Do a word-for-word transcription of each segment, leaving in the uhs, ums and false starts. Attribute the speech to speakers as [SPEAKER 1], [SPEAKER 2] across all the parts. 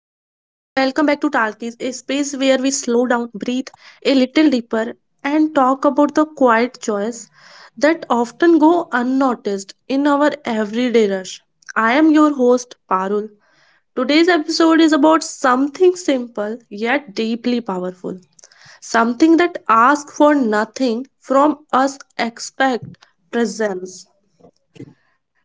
[SPEAKER 1] a space where we slow down, breathe a little deeper, and talk about the quiet joys that often go unnoticed in our everyday rush. I am your host, Parul. Today's episode is about something simple yet deeply powerful, something that asks for nothing from us, expect presence.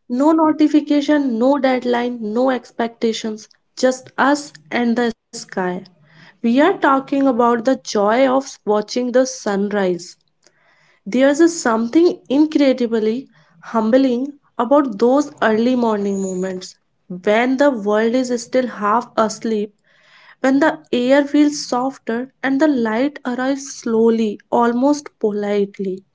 [SPEAKER 1] No notification, no deadline, no expectations, just us and the sky. We are talking about the joy of watching the sunrise. There's a something incredibly humbling about those early morning moments when the world is still half asleep, when the air feels softer and the light arrives slowly, almost politely.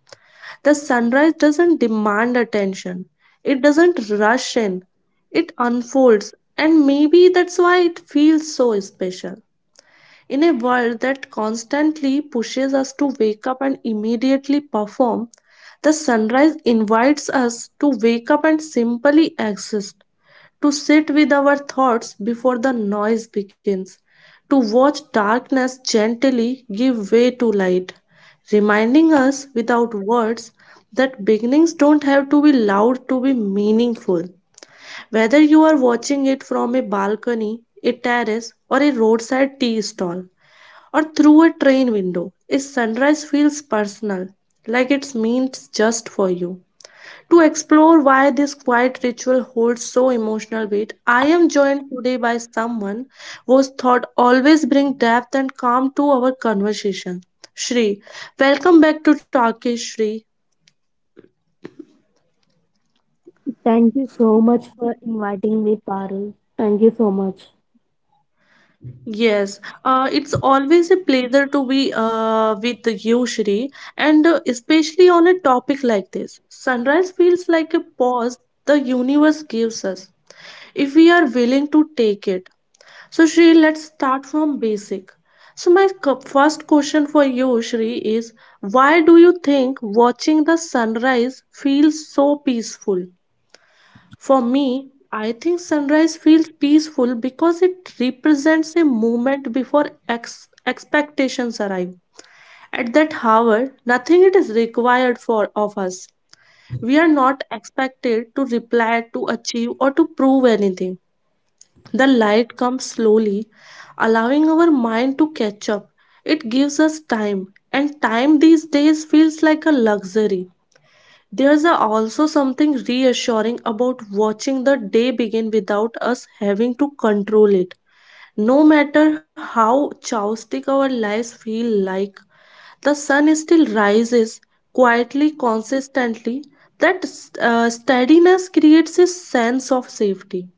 [SPEAKER 1] The sunrise doesn't demand attention, it doesn't rush in, it unfolds, and maybe that's why it feels so special. In a world that constantly pushes us to wake up and immediately perform, the sunrise invites us to wake up and simply exist to sit with our thoughts before the noise begins, to watch darkness gently give way to light, reminding us without words that beginnings don't have to be loud to be meaningful. Whether you are watching it from a balcony, a terrace, or a roadside tea stall, or through a train window, a sunrise feels personal, like it means just for you. To explore why this quiet ritual holds so emotional weight, I am joined today by someone whose thought always bring depth and calm to our conversation. Shri, welcome back to Talkish Shri.
[SPEAKER 2] Thank you so much for inviting me, Parul. Thank you so much.
[SPEAKER 1] Yes, uh, it's always a pleasure to be uh, with you, Shri, and uh, especially on a topic like this. Sunrise feels like a pause the universe gives us if we are willing to take it. So, Shri, let's start from basic. So, my cu- first question for you, Shri, is why do you think watching the sunrise feels so peaceful? For me, I think sunrise feels peaceful because it represents a moment before ex- expectations arrive. At that hour, nothing it is required for of us. We are not expected to reply, to achieve, or to prove anything. The light comes slowly, allowing our mind to catch up. It gives us time, and time these days feels like a luxury. There's a- also something reassuring about watching the day begin without us having to control it. No matter how chaotic our lives feel like, the sun still rises quietly, consistently. That uh, steadiness creates a sense of safety.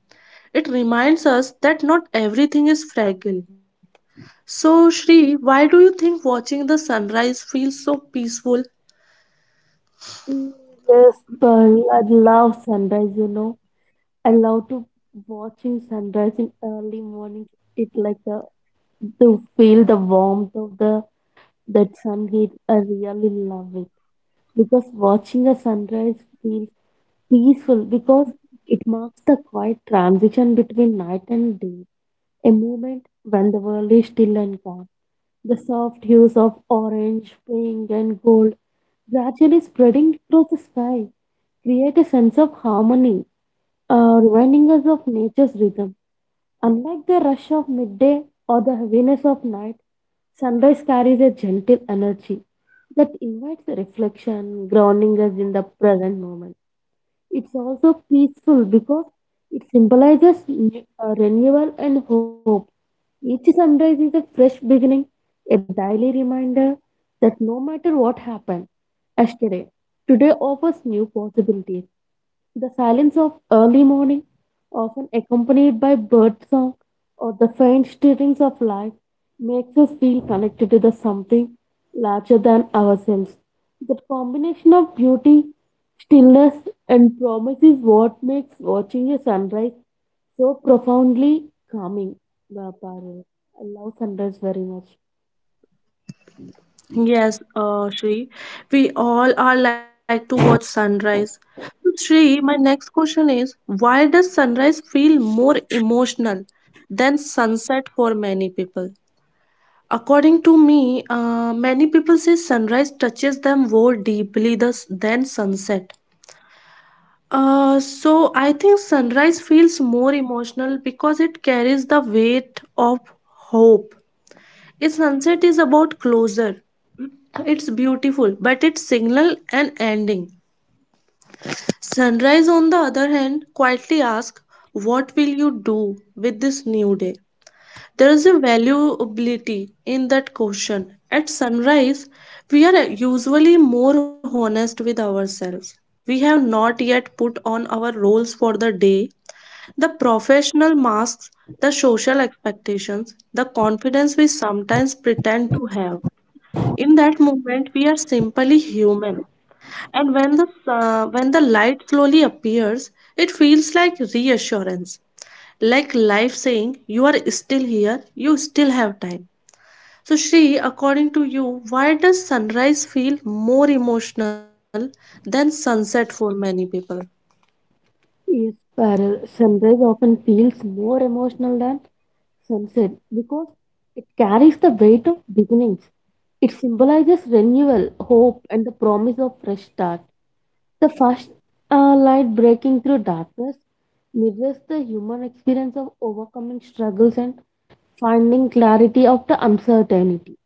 [SPEAKER 1] It reminds us that not everything is fragile. So, Shri, why do you think watching the sunrise feels so peaceful?
[SPEAKER 2] Mm, yes, Parul, I love sunrise, you know. I love to watching sunrise in early mornings. It like the to feel the warmth of the that sun heat. I really love it because watching a sunrise feels peaceful because it marks the quiet transition between night and day. A moment when the world is still and calm. The soft hues of orange, pink, and gold gradually spreading across the sky create a sense of harmony, uh, reminding us of nature's rhythm. Unlike the rush of midday or the heaviness of night, sunrise carries a gentle energy that invites reflection, grounding us in the present moment. It's also peaceful because it symbolizes ne- uh, renewal and hope. Each sunrise is a fresh beginning, a daily reminder that no matter what happened yesterday, today offers new possibilities. The silence of early morning, often accompanied by bird song or the faint stirrings of life, makes us feel connected to the something larger than ourselves. That combination of beauty, stillness, and promise is what makes watching a sunrise so profoundly calming. Wow, Parul. I love sunrise very much.
[SPEAKER 1] Yes, uh, Shri, we all are like to watch sunrise. So, Shri, my next question is why does sunrise feel more emotional than sunset for many people? According to me, uh, many people say sunrise touches them more deeply thus- than sunset. Uh, so I think sunrise feels more emotional because it carries the weight of hope. Its sunset is about closure. It's beautiful, but it signal an ending. Sunrise, on the other hand, quietly asks, "What will you do with this new day?" There is a valuability in that question. At sunrise, we are usually more honest with ourselves. We have not yet put on our roles for the day the professional masks the social expectations, the confidence we sometimes pretend to have. In that moment, we are simply human. And when the, uh, when the light slowly appears, it feels like reassurance, like life saying, You are still here, you still have time. So, Shri, according to you, why does sunrise feel more emotional than sunset for many people?
[SPEAKER 2] Yes, Parul. Sunrise often feels more emotional than sunset because it carries the weight of beginnings. It symbolizes renewal, hope, and the promise of fresh start. The first uh, light breaking through darkness mirrors the human experience of overcoming struggles and finding clarity after uncertainty.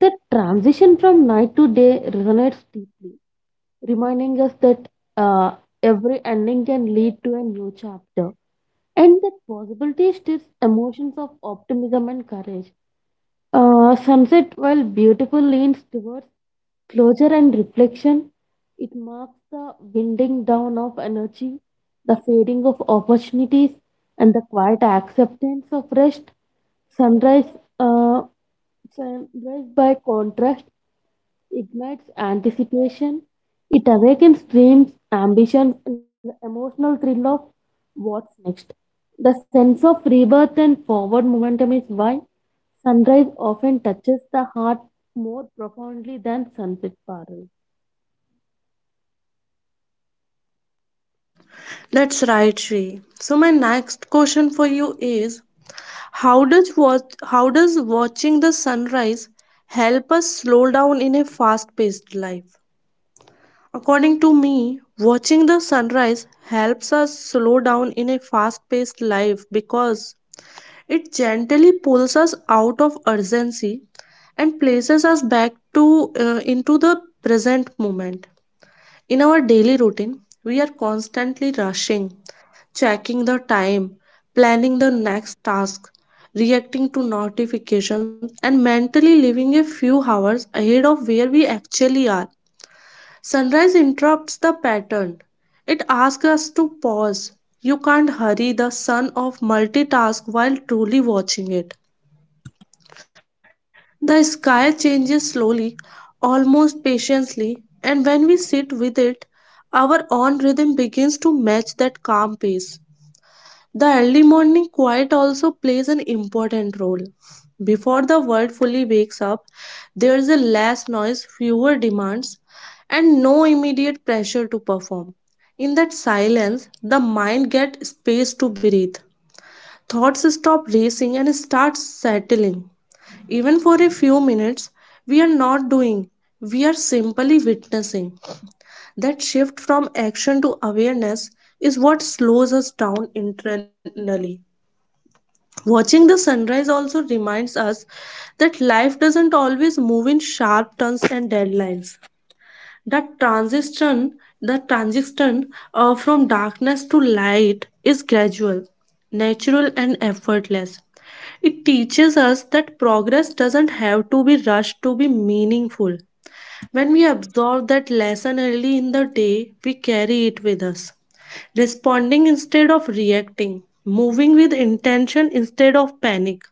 [SPEAKER 2] The transition from night to day resonates deeply, reminding us that uh, every ending can lead to a new chapter and that possibility stirs emotions of optimism and courage. Uh, sunset, while beautiful, leans towards closure and reflection. It marks the winding down of energy, the fading of opportunities, and the quiet acceptance of rest. Sunrise, uh, Sunrise by contrast, ignites anticipation. It awakens dreams, ambitions, and the emotional thrill of what's next. The sense of rebirth and forward momentum is why sunrise often touches the heart more profoundly than sunset, Parul.
[SPEAKER 1] That's right, Shri. So my next question for you is how does watch how does watching the sunrise help us slow down in a fast-paced life? According to me, watching the sunrise helps us slow down in a fast-paced life because it gently pulls us out of urgency and places us back to uh, into the present moment. In our daily routine, we are constantly rushing checking the time, planning the next task, reacting to notifications, and mentally living a few hours ahead of where we actually are. Sunrise interrupts the pattern. It asks us to pause. You can't hurry the sun of multitask while truly watching it. The sky changes slowly, almost patiently, and when we sit with it, our own rhythm begins to match that calm pace. The early morning quiet also plays an important role. Before the world fully wakes up, there is a less noise, fewer demands, and no immediate pressure to perform. In that silence, the mind gets space to breathe. Thoughts stop racing and start settling. Even for a few minutes, we are not doing, we are simply witnessing. That shift from action to awareness is what slows us down internally. Watching the sunrise also reminds us that life doesn't always move in sharp turns and deadlines. That transition, the transition uh, from darkness to light is gradual, natural, and effortless. It teaches us that progress doesn't have to be rushed to be meaningful. When we absorb that lesson early in the day, we carry it with us. Responding instead of reacting, moving with intention instead of panic.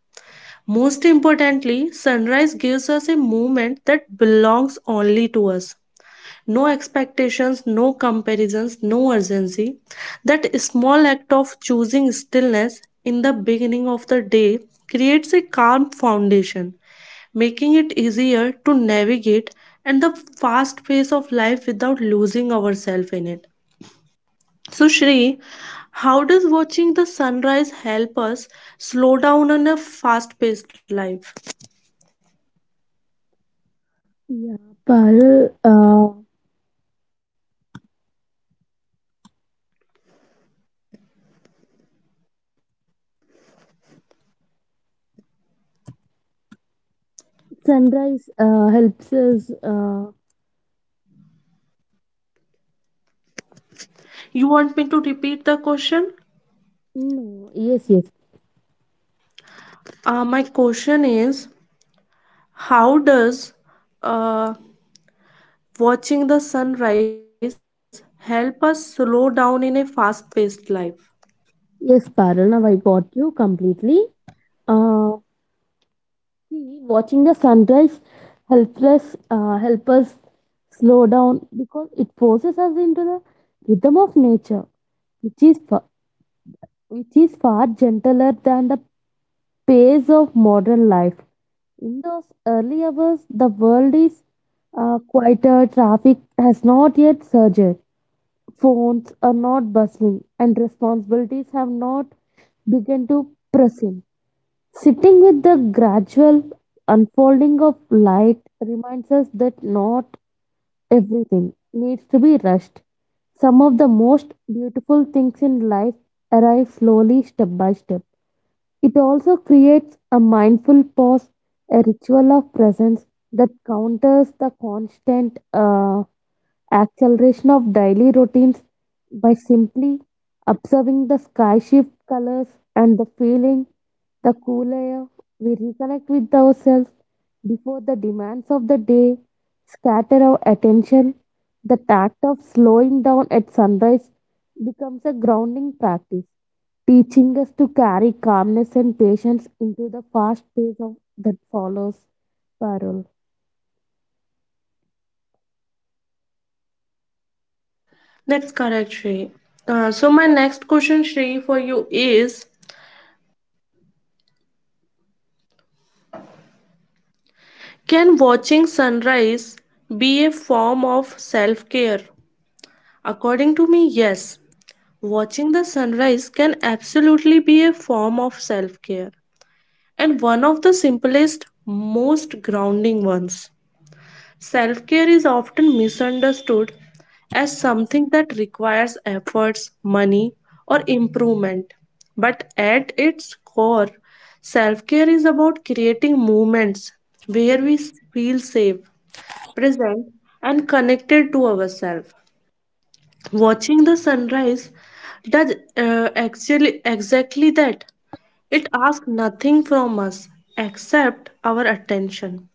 [SPEAKER 1] Most importantly, sunrise gives us a moment that belongs only to us no expectations, no comparisons, no urgency. That small act of choosing stillness in the beginning of the day creates a calm foundation, making it easier to navigate and the fast pace of life without losing ourselves in it. So, Shri, how does watching the sunrise help us slow down in a fast paced life?
[SPEAKER 2] Yeah, Parul, uh, sunrise uh, helps us. Uh,
[SPEAKER 1] You want me to repeat the question?
[SPEAKER 2] no, yes, yes,
[SPEAKER 1] Uh, my question is How does uh, watching the sunrise help us slow down in a fast paced life?
[SPEAKER 2] yes, Parul. Now I got you completely. Uh, See, watching the sunrise helps us, uh, help us slow down because it forces us into the rhythm of nature, which is fa- which is far gentler than the pace of modern life. In those early hours, the world is uh, quieter, traffic has not yet surged, phones are not bustling, and responsibilities have not begun to press in. Sitting with the gradual unfolding of light reminds us that not everything needs to be rushed. Some of the most beautiful things in life arrive slowly, step by step. It also creates a mindful pause, a ritual of presence that counters the constant. Uh, acceleration of daily routines by simply observing the sky shift colors and the feeling, the cool air. We reconnect with ourselves before the demands of the day scatter our attention. The act of slowing down at sunrise becomes a grounding practice, teaching us to carry calmness and patience into the fast pace of that follows. Parul.
[SPEAKER 1] That's correct, Shri. Uh, so, my next question, Shri, for you is Can watching sunrise be a form of self care? According to me, yes. Watching the sunrise can absolutely be a form of self care and one of the simplest, most grounding ones. Self care is often misunderstood as something that requires efforts, money, or improvement. But at its core, self care is about creating moments where we s- feel safe, present, and connected to ourselves. Watching the sunrise does uh, actually exactly that. It asks nothing from us except our attention.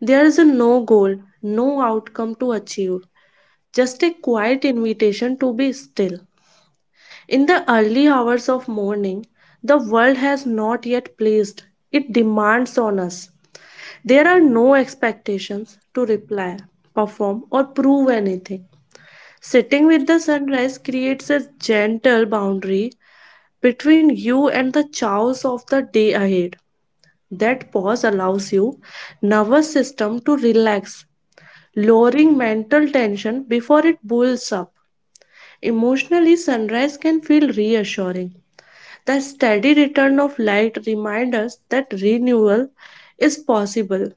[SPEAKER 1] There is no goal, no outcome to achieve, just a quiet invitation to be still. In the early hours of morning, the world has not yet placed its demands on us. There are no expectations to reply, perform, or prove anything. Sitting with the sunrise creates a gentle boundary between you and the chaos of the day ahead. That pause allows you nervous system to relax, lowering mental tension before it builds up. Emotionally, sunrise can feel reassuring. The steady return of light reminds us that renewal is possible.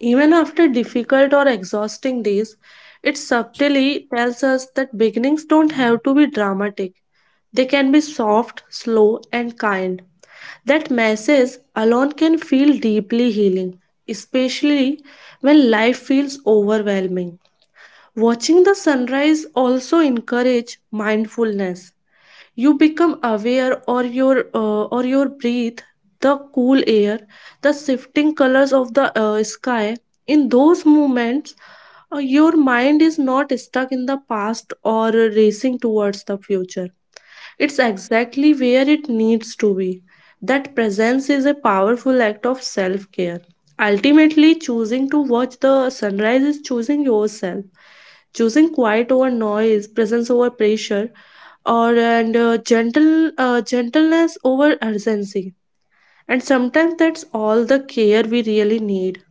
[SPEAKER 1] Even after difficult or exhausting days, it subtly tells us that beginnings don't have to be dramatic. They can be soft, slow, and kind. That message alone can feel deeply healing, especially when life feels overwhelming. Watching the sunrise also encourage mindfulness. You become aware of your uh, or your breath, the cool air, the shifting colors of the uh, sky. In those moments, uh, your mind is not stuck in the past or racing towards the future. It's exactly where it needs to be. That presence is a powerful act of self care. Ultimately, choosing to watch the sunrise is choosing yourself, choosing quiet over noise, presence over pressure, or and uh, gentle uh, gentleness over urgency. And sometimes that's all the care we really need.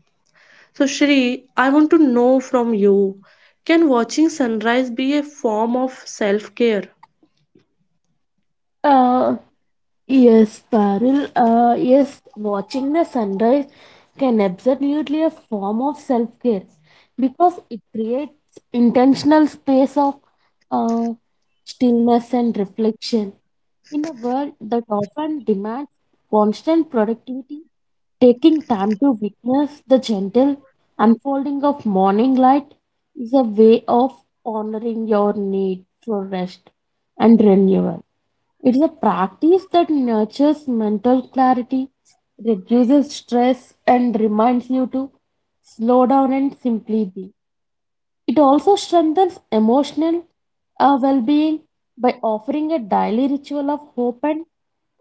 [SPEAKER 1] So, Shri, I want to know from you: Can watching sunrise be a form of self care?
[SPEAKER 2] Yes, Paril. Uh, yes, watching the sunrise can absolutely a form of self-care because it creates intentional space of uh, stillness and reflection in a world that often demands constant productivity. Taking time to witness the gentle unfolding of morning light is a way of honoring your need for rest and renewal. It is a practice that nurtures mental clarity, reduces stress, and reminds you to slow down and simply be. It also strengthens emotional uh, well being by offering a daily ritual of hope and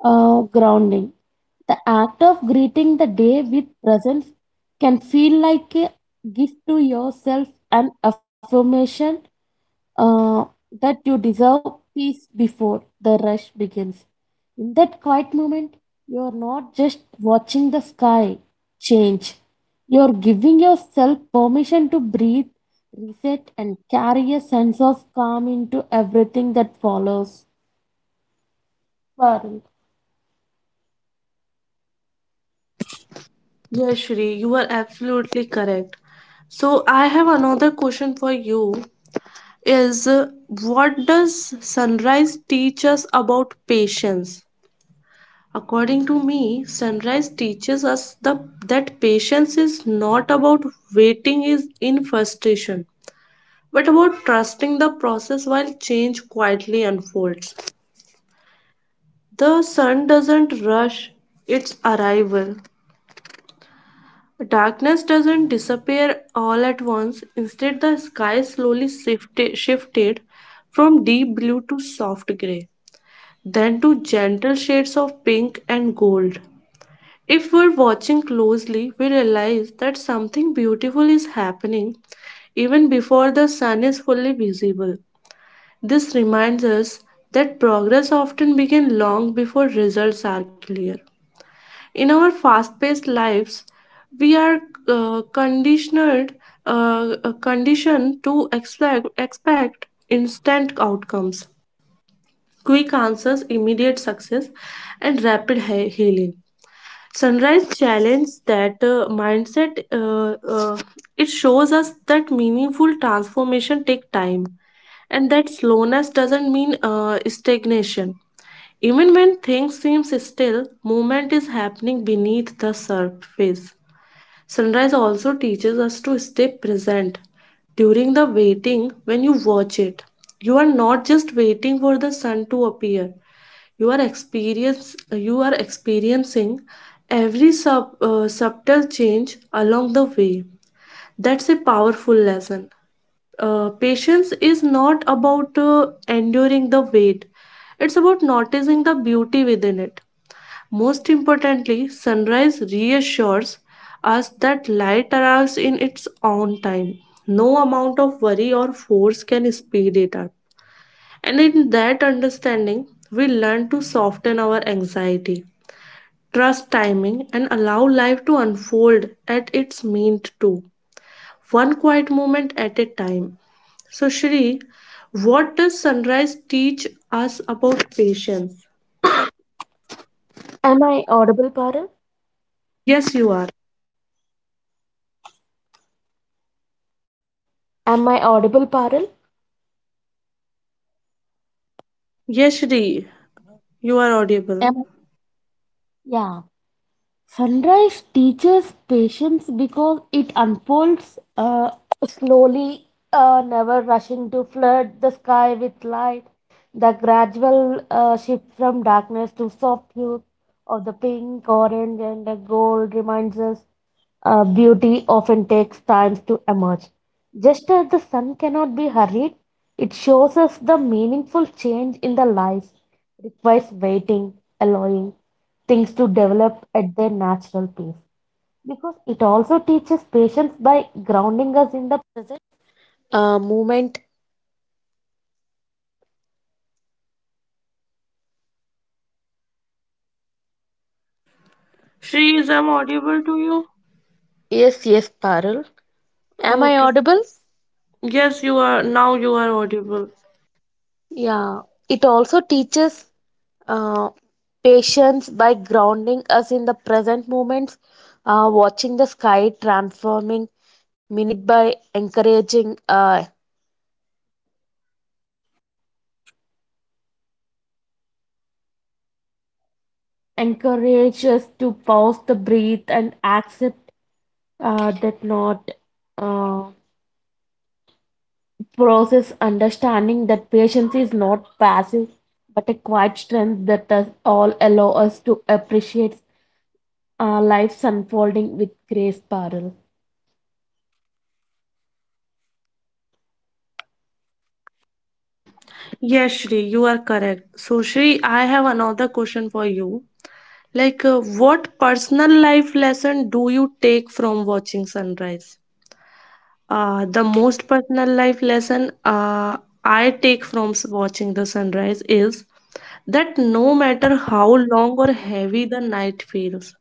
[SPEAKER 2] uh, grounding. The act of greeting the day with presence can feel like a gift to yourself and affirmation uh, that you deserve peace before the rush begins. In that quiet moment, you are not just watching the sky change, you are giving yourself permission to breathe, reset, and carry a sense of calm into everything that follows. Parul.
[SPEAKER 1] Yes, Shri, you are absolutely correct. So I have another question for you is uh, what does sunrise teach us about patience? According to me, sunrise teaches us the that patience is not about waiting is in frustration, but about trusting the process while change quietly unfolds. The sun doesn't rush its arrival Darkness doesn't disappear all at once. Instead, the sky slowly shifted, shifted from deep blue to soft gray, then to gentle shades of pink and gold. If we're watching closely, we realize that something beautiful is happening even before the sun is fully visible. This reminds us that progress often begins long before results are clear. In our fast paced lives, we are uh, conditioned uh, uh, conditioned to expect expect instant outcomes quick answers immediate success and rapid he- healing sunrise challenge that uh, mindset uh, uh, it shows us that meaningful transformation take time and that slowness doesn't mean uh, stagnation even when things seem still, movement is happening beneath the surface. Sunrise also teaches us to stay present. During the waiting, when you watch it, you are not just waiting for the sun to appear. You are experience you are experiencing every sub, uh, subtle change along the way. That's a powerful lesson. Uh, patience is not about uh, enduring the wait, it's about noticing the beauty within it. Most importantly, sunrise reassures us that light arrives in its own time. No amount of worry or force can speed it up. And in that understanding, we learn to soften our anxiety, trust timing, and allow life to unfold at its meant to one quiet moment at a time. So, Shri, what does sunrise teach us about patience?
[SPEAKER 2] Am I audible, Parul?
[SPEAKER 1] Yes, you are.
[SPEAKER 2] Am I audible, Parul?
[SPEAKER 1] Yes, Shri, you are audible.
[SPEAKER 2] Am- I? Yeah. Sunrise teaches patience because it unfolds uh, slowly, uh, never rushing to flood the sky with light. The gradual uh, shift from darkness to soft hues of the pink, orange, and the gold reminds us uh, beauty often takes time to emerge. Just as the sun cannot be hurried, it shows us the meaningful change in the life requires waiting, allowing things to develop at their natural pace. Because it also teaches patience
[SPEAKER 1] Shri, is I'm audible to you? Okay. Yes, you are. Now you are audible.
[SPEAKER 2] encourage us to pause the breathe and accept uh, that not uh, process understanding that patience is not passive but a quiet strength that does all allow us to appreciate uh, life's unfolding with grace, Parul.
[SPEAKER 1] Yes, Shri, you are correct. So, Shri, I have another question for you. Like, uh, what personal life lesson do you take from watching sunrise? Uh, the most personal life lesson uh, I take from s- watching the sunrise is that no matter how long or heavy the night feels,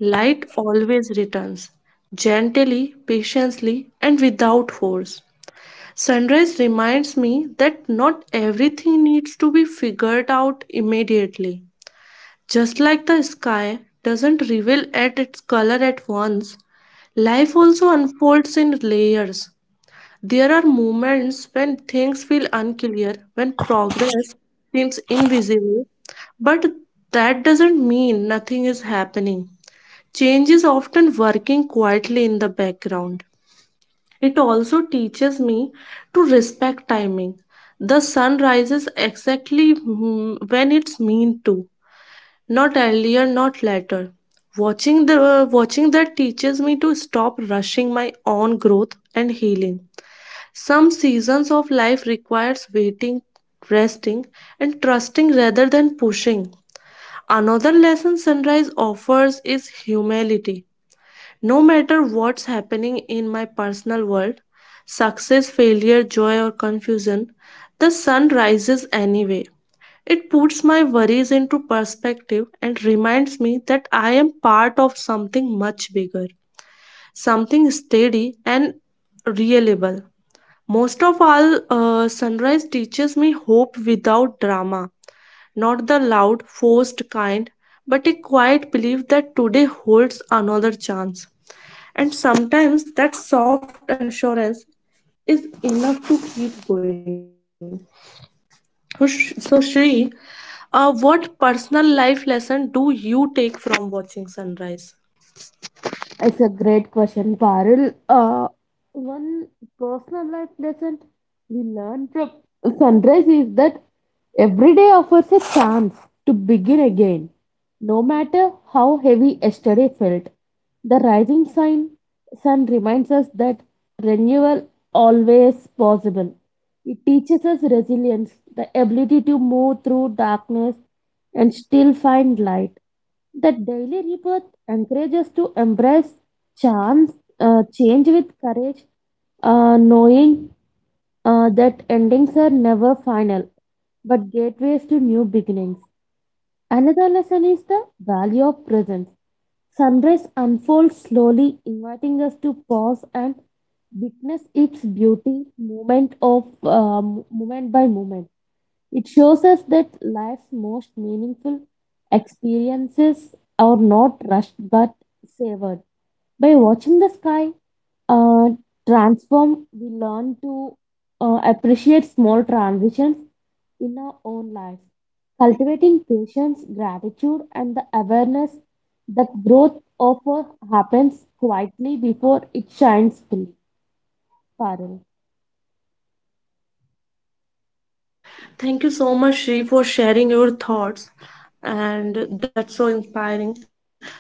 [SPEAKER 1] light always returns, gently, patiently, and without force. Sunrise reminds me that not everything needs to be figured out immediately. Just like the sky doesn't reveal at its color at once, life also unfolds in layers. There are moments when things feel unclear, when progress seems invisible, but that doesn't mean nothing is happening. Change is often working quietly in the background. It also teaches me to respect timing. The sun rises exactly mm, when it's meant to, not earlier, not later. Watching the watching that teaches me to stop rushing my own growth and healing. Some seasons of life requires waiting, resting, and trusting rather than pushing. Another lesson sunrise offers is humility. No matter what's happening in my personal world, success, failure, joy, or confusion, the sun rises anyway. It puts my worries into perspective and reminds me that I am part of something much bigger, something steady and reliable. Most of all, uh, sunrise teaches me hope without drama, not the loud, forced kind, but a quiet belief that today holds another chance. And sometimes that soft assurance is enough to keep going. So, Sh- so Shri, uh, what personal life lesson do you take from watching sunrise?
[SPEAKER 2] It's a great question, Parul. Uh, one personal life lesson we learn from sunrise is that every day offers a chance to begin again, no matter how heavy yesterday felt. The rising sun, Sun reminds us that renewal always possible. It teaches us resilience, the ability to move through darkness and still find light. The daily rebirth encourages to embrace chance, uh, change with courage, uh, knowing uh, that endings are never final, but gateways to new beginnings. Another lesson is the value of presence. Sunrise unfolds slowly, inviting us to pause and witness its beauty moment of uh, mo- moment by moment. It shows us that life's most meaningful experiences are not rushed but savored. By watching the sky, uh, transform, we learn to uh, appreciate small transitions in our own lives, cultivating patience, gratitude, and the awareness that growth offer happens quietly before it shines fully. Parul.
[SPEAKER 1] Thank you so much, Shri, for sharing your thoughts. And that's so inspiring.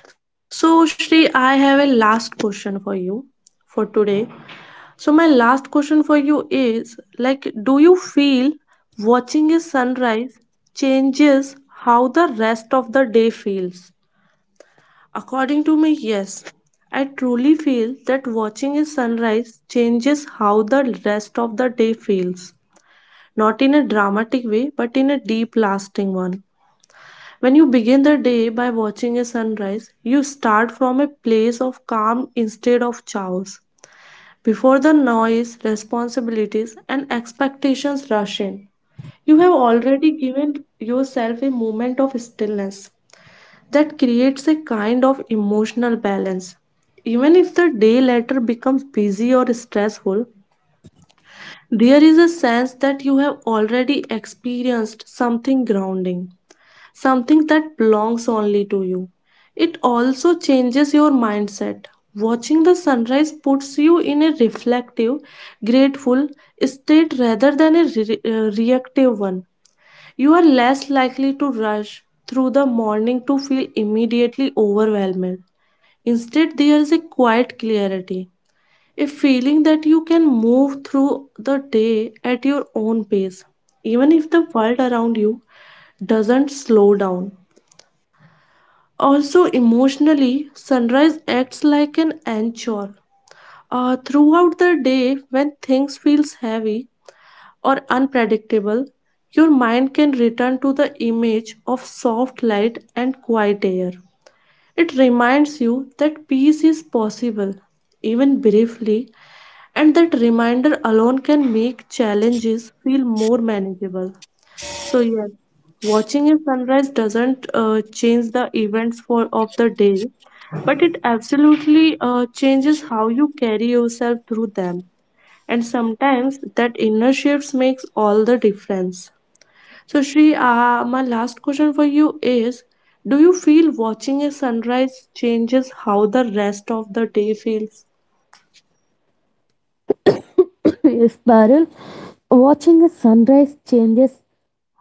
[SPEAKER 1] So, Shri, I have a last question for you for today. So, my last question for you is, like, do you feel watching a sunrise changes how the rest of the day feels? According to me, yes. I truly feel that watching a sunrise changes how the rest of the day feels, not in a dramatic way, but in a deep, lasting one. When you begin the day by watching a sunrise, you start from a place of calm instead of chaos. Before the noise, responsibilities, and expectations rush in, you have already given yourself a moment of stillness that creates a kind of emotional balance. Even if the day later becomes busy or stressful, there is a sense that you have already experienced something grounding, something that belongs only to you. It also changes your mindset. Watching the sunrise puts you in a reflective, grateful state rather than a re- uh, reactive one. You are less likely to rush through the morning to feel immediately overwhelmed. Instead, there is a quiet clarity, a feeling that you can move through the day at your own pace, even if the world around you doesn't slow down. Also, emotionally, sunrise acts like an anchor. Uh, throughout the day, when things feels heavy or unpredictable, your mind can return to the image of soft light and quiet air. It reminds you that peace is possible, even briefly, and that reminder alone can make challenges feel more manageable. So, yes, watching a sunrise doesn't uh, change the events for of the day, but it absolutely uh, changes how you carry yourself through them. And sometimes that inner shifts makes all the difference. So, Shri, uh, my last question for you is, do you feel watching a sunrise changes how the rest of the day feels?
[SPEAKER 2] Yes, Parul. Watching a sunrise changes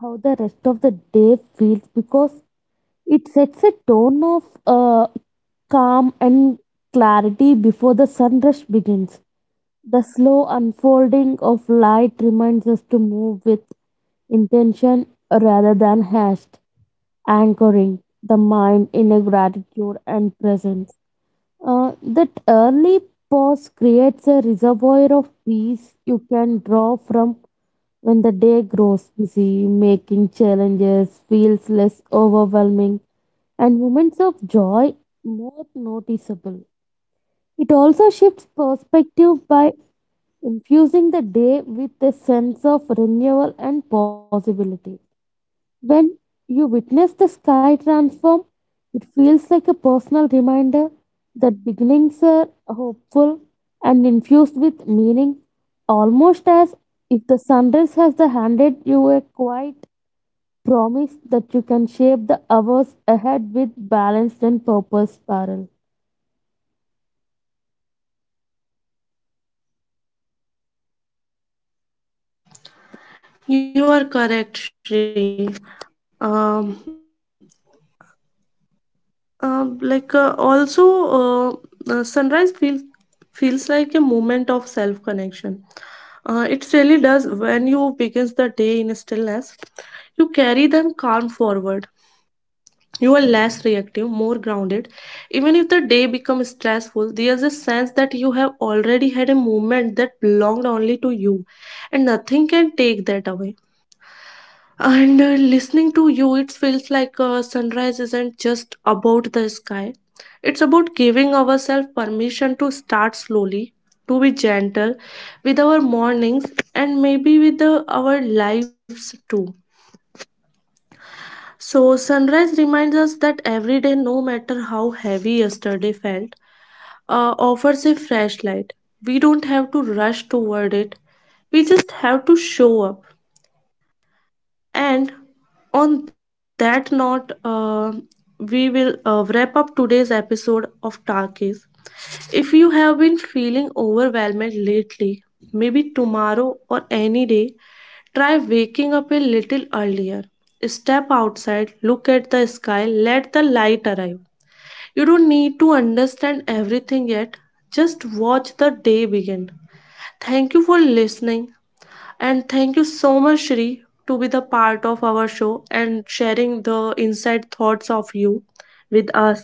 [SPEAKER 2] how the rest of the day feels because it sets a tone of uh, calm and clarity before the sunrush begins. The slow unfolding of light reminds us to move with intention rather than haste, anchoring the mind in a gratitude and presence. Uh, that early pause creates a reservoir of peace you can draw from when the day grows busy, making challenges feels less overwhelming and moments of joy more noticeable. It also shifts perspective by infusing the day with a sense of renewal and possibility. When you witness the sky transform, it feels like a personal reminder that beginnings are hopeful and infused with meaning, almost as if the sunrise has handed you a quiet promise that you can shape the hours ahead with balanced and purpose, Parul.
[SPEAKER 1] You are correct, Shri. Um, uh, like, uh, also, uh, uh, Sunrise feels feels like a moment of self connection. Uh, it really does. When you begins the day in stillness, you carry them calm forward. You are less reactive, more grounded. Even if the day becomes stressful, there's a sense that you have already had a moment that belonged only to you, and nothing can take that away. And uh, Listening to you, it feels like uh, sunrise isn't just about the sky. It's about giving ourselves permission to start slowly, to be gentle with our mornings, and maybe with uh, our lives too. So, sunrise reminds us that every day, no matter how heavy yesterday felt, uh, offers a fresh light. We don't have to rush toward it, we just have to show up. And on that note, uh, we will uh, wrap up today's episode of Talkies. If you have been feeling overwhelmed lately, maybe tomorrow or any day, try waking up a little earlier. Step outside, look at the sky, let the light arrive. You don't need to understand everything yet, just watch the day begin. Thank you for listening, and thank you so much, Shri, to be the part of our show and sharing the inside thoughts of you with us.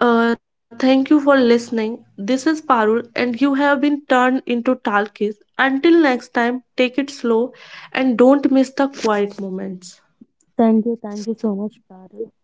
[SPEAKER 1] Uh, thank you for listening. This is Parul, and you have been turned into Talkies. Until next time, take it slow and don't miss the quiet moments.
[SPEAKER 2] Thank you, thank you so much, Parul.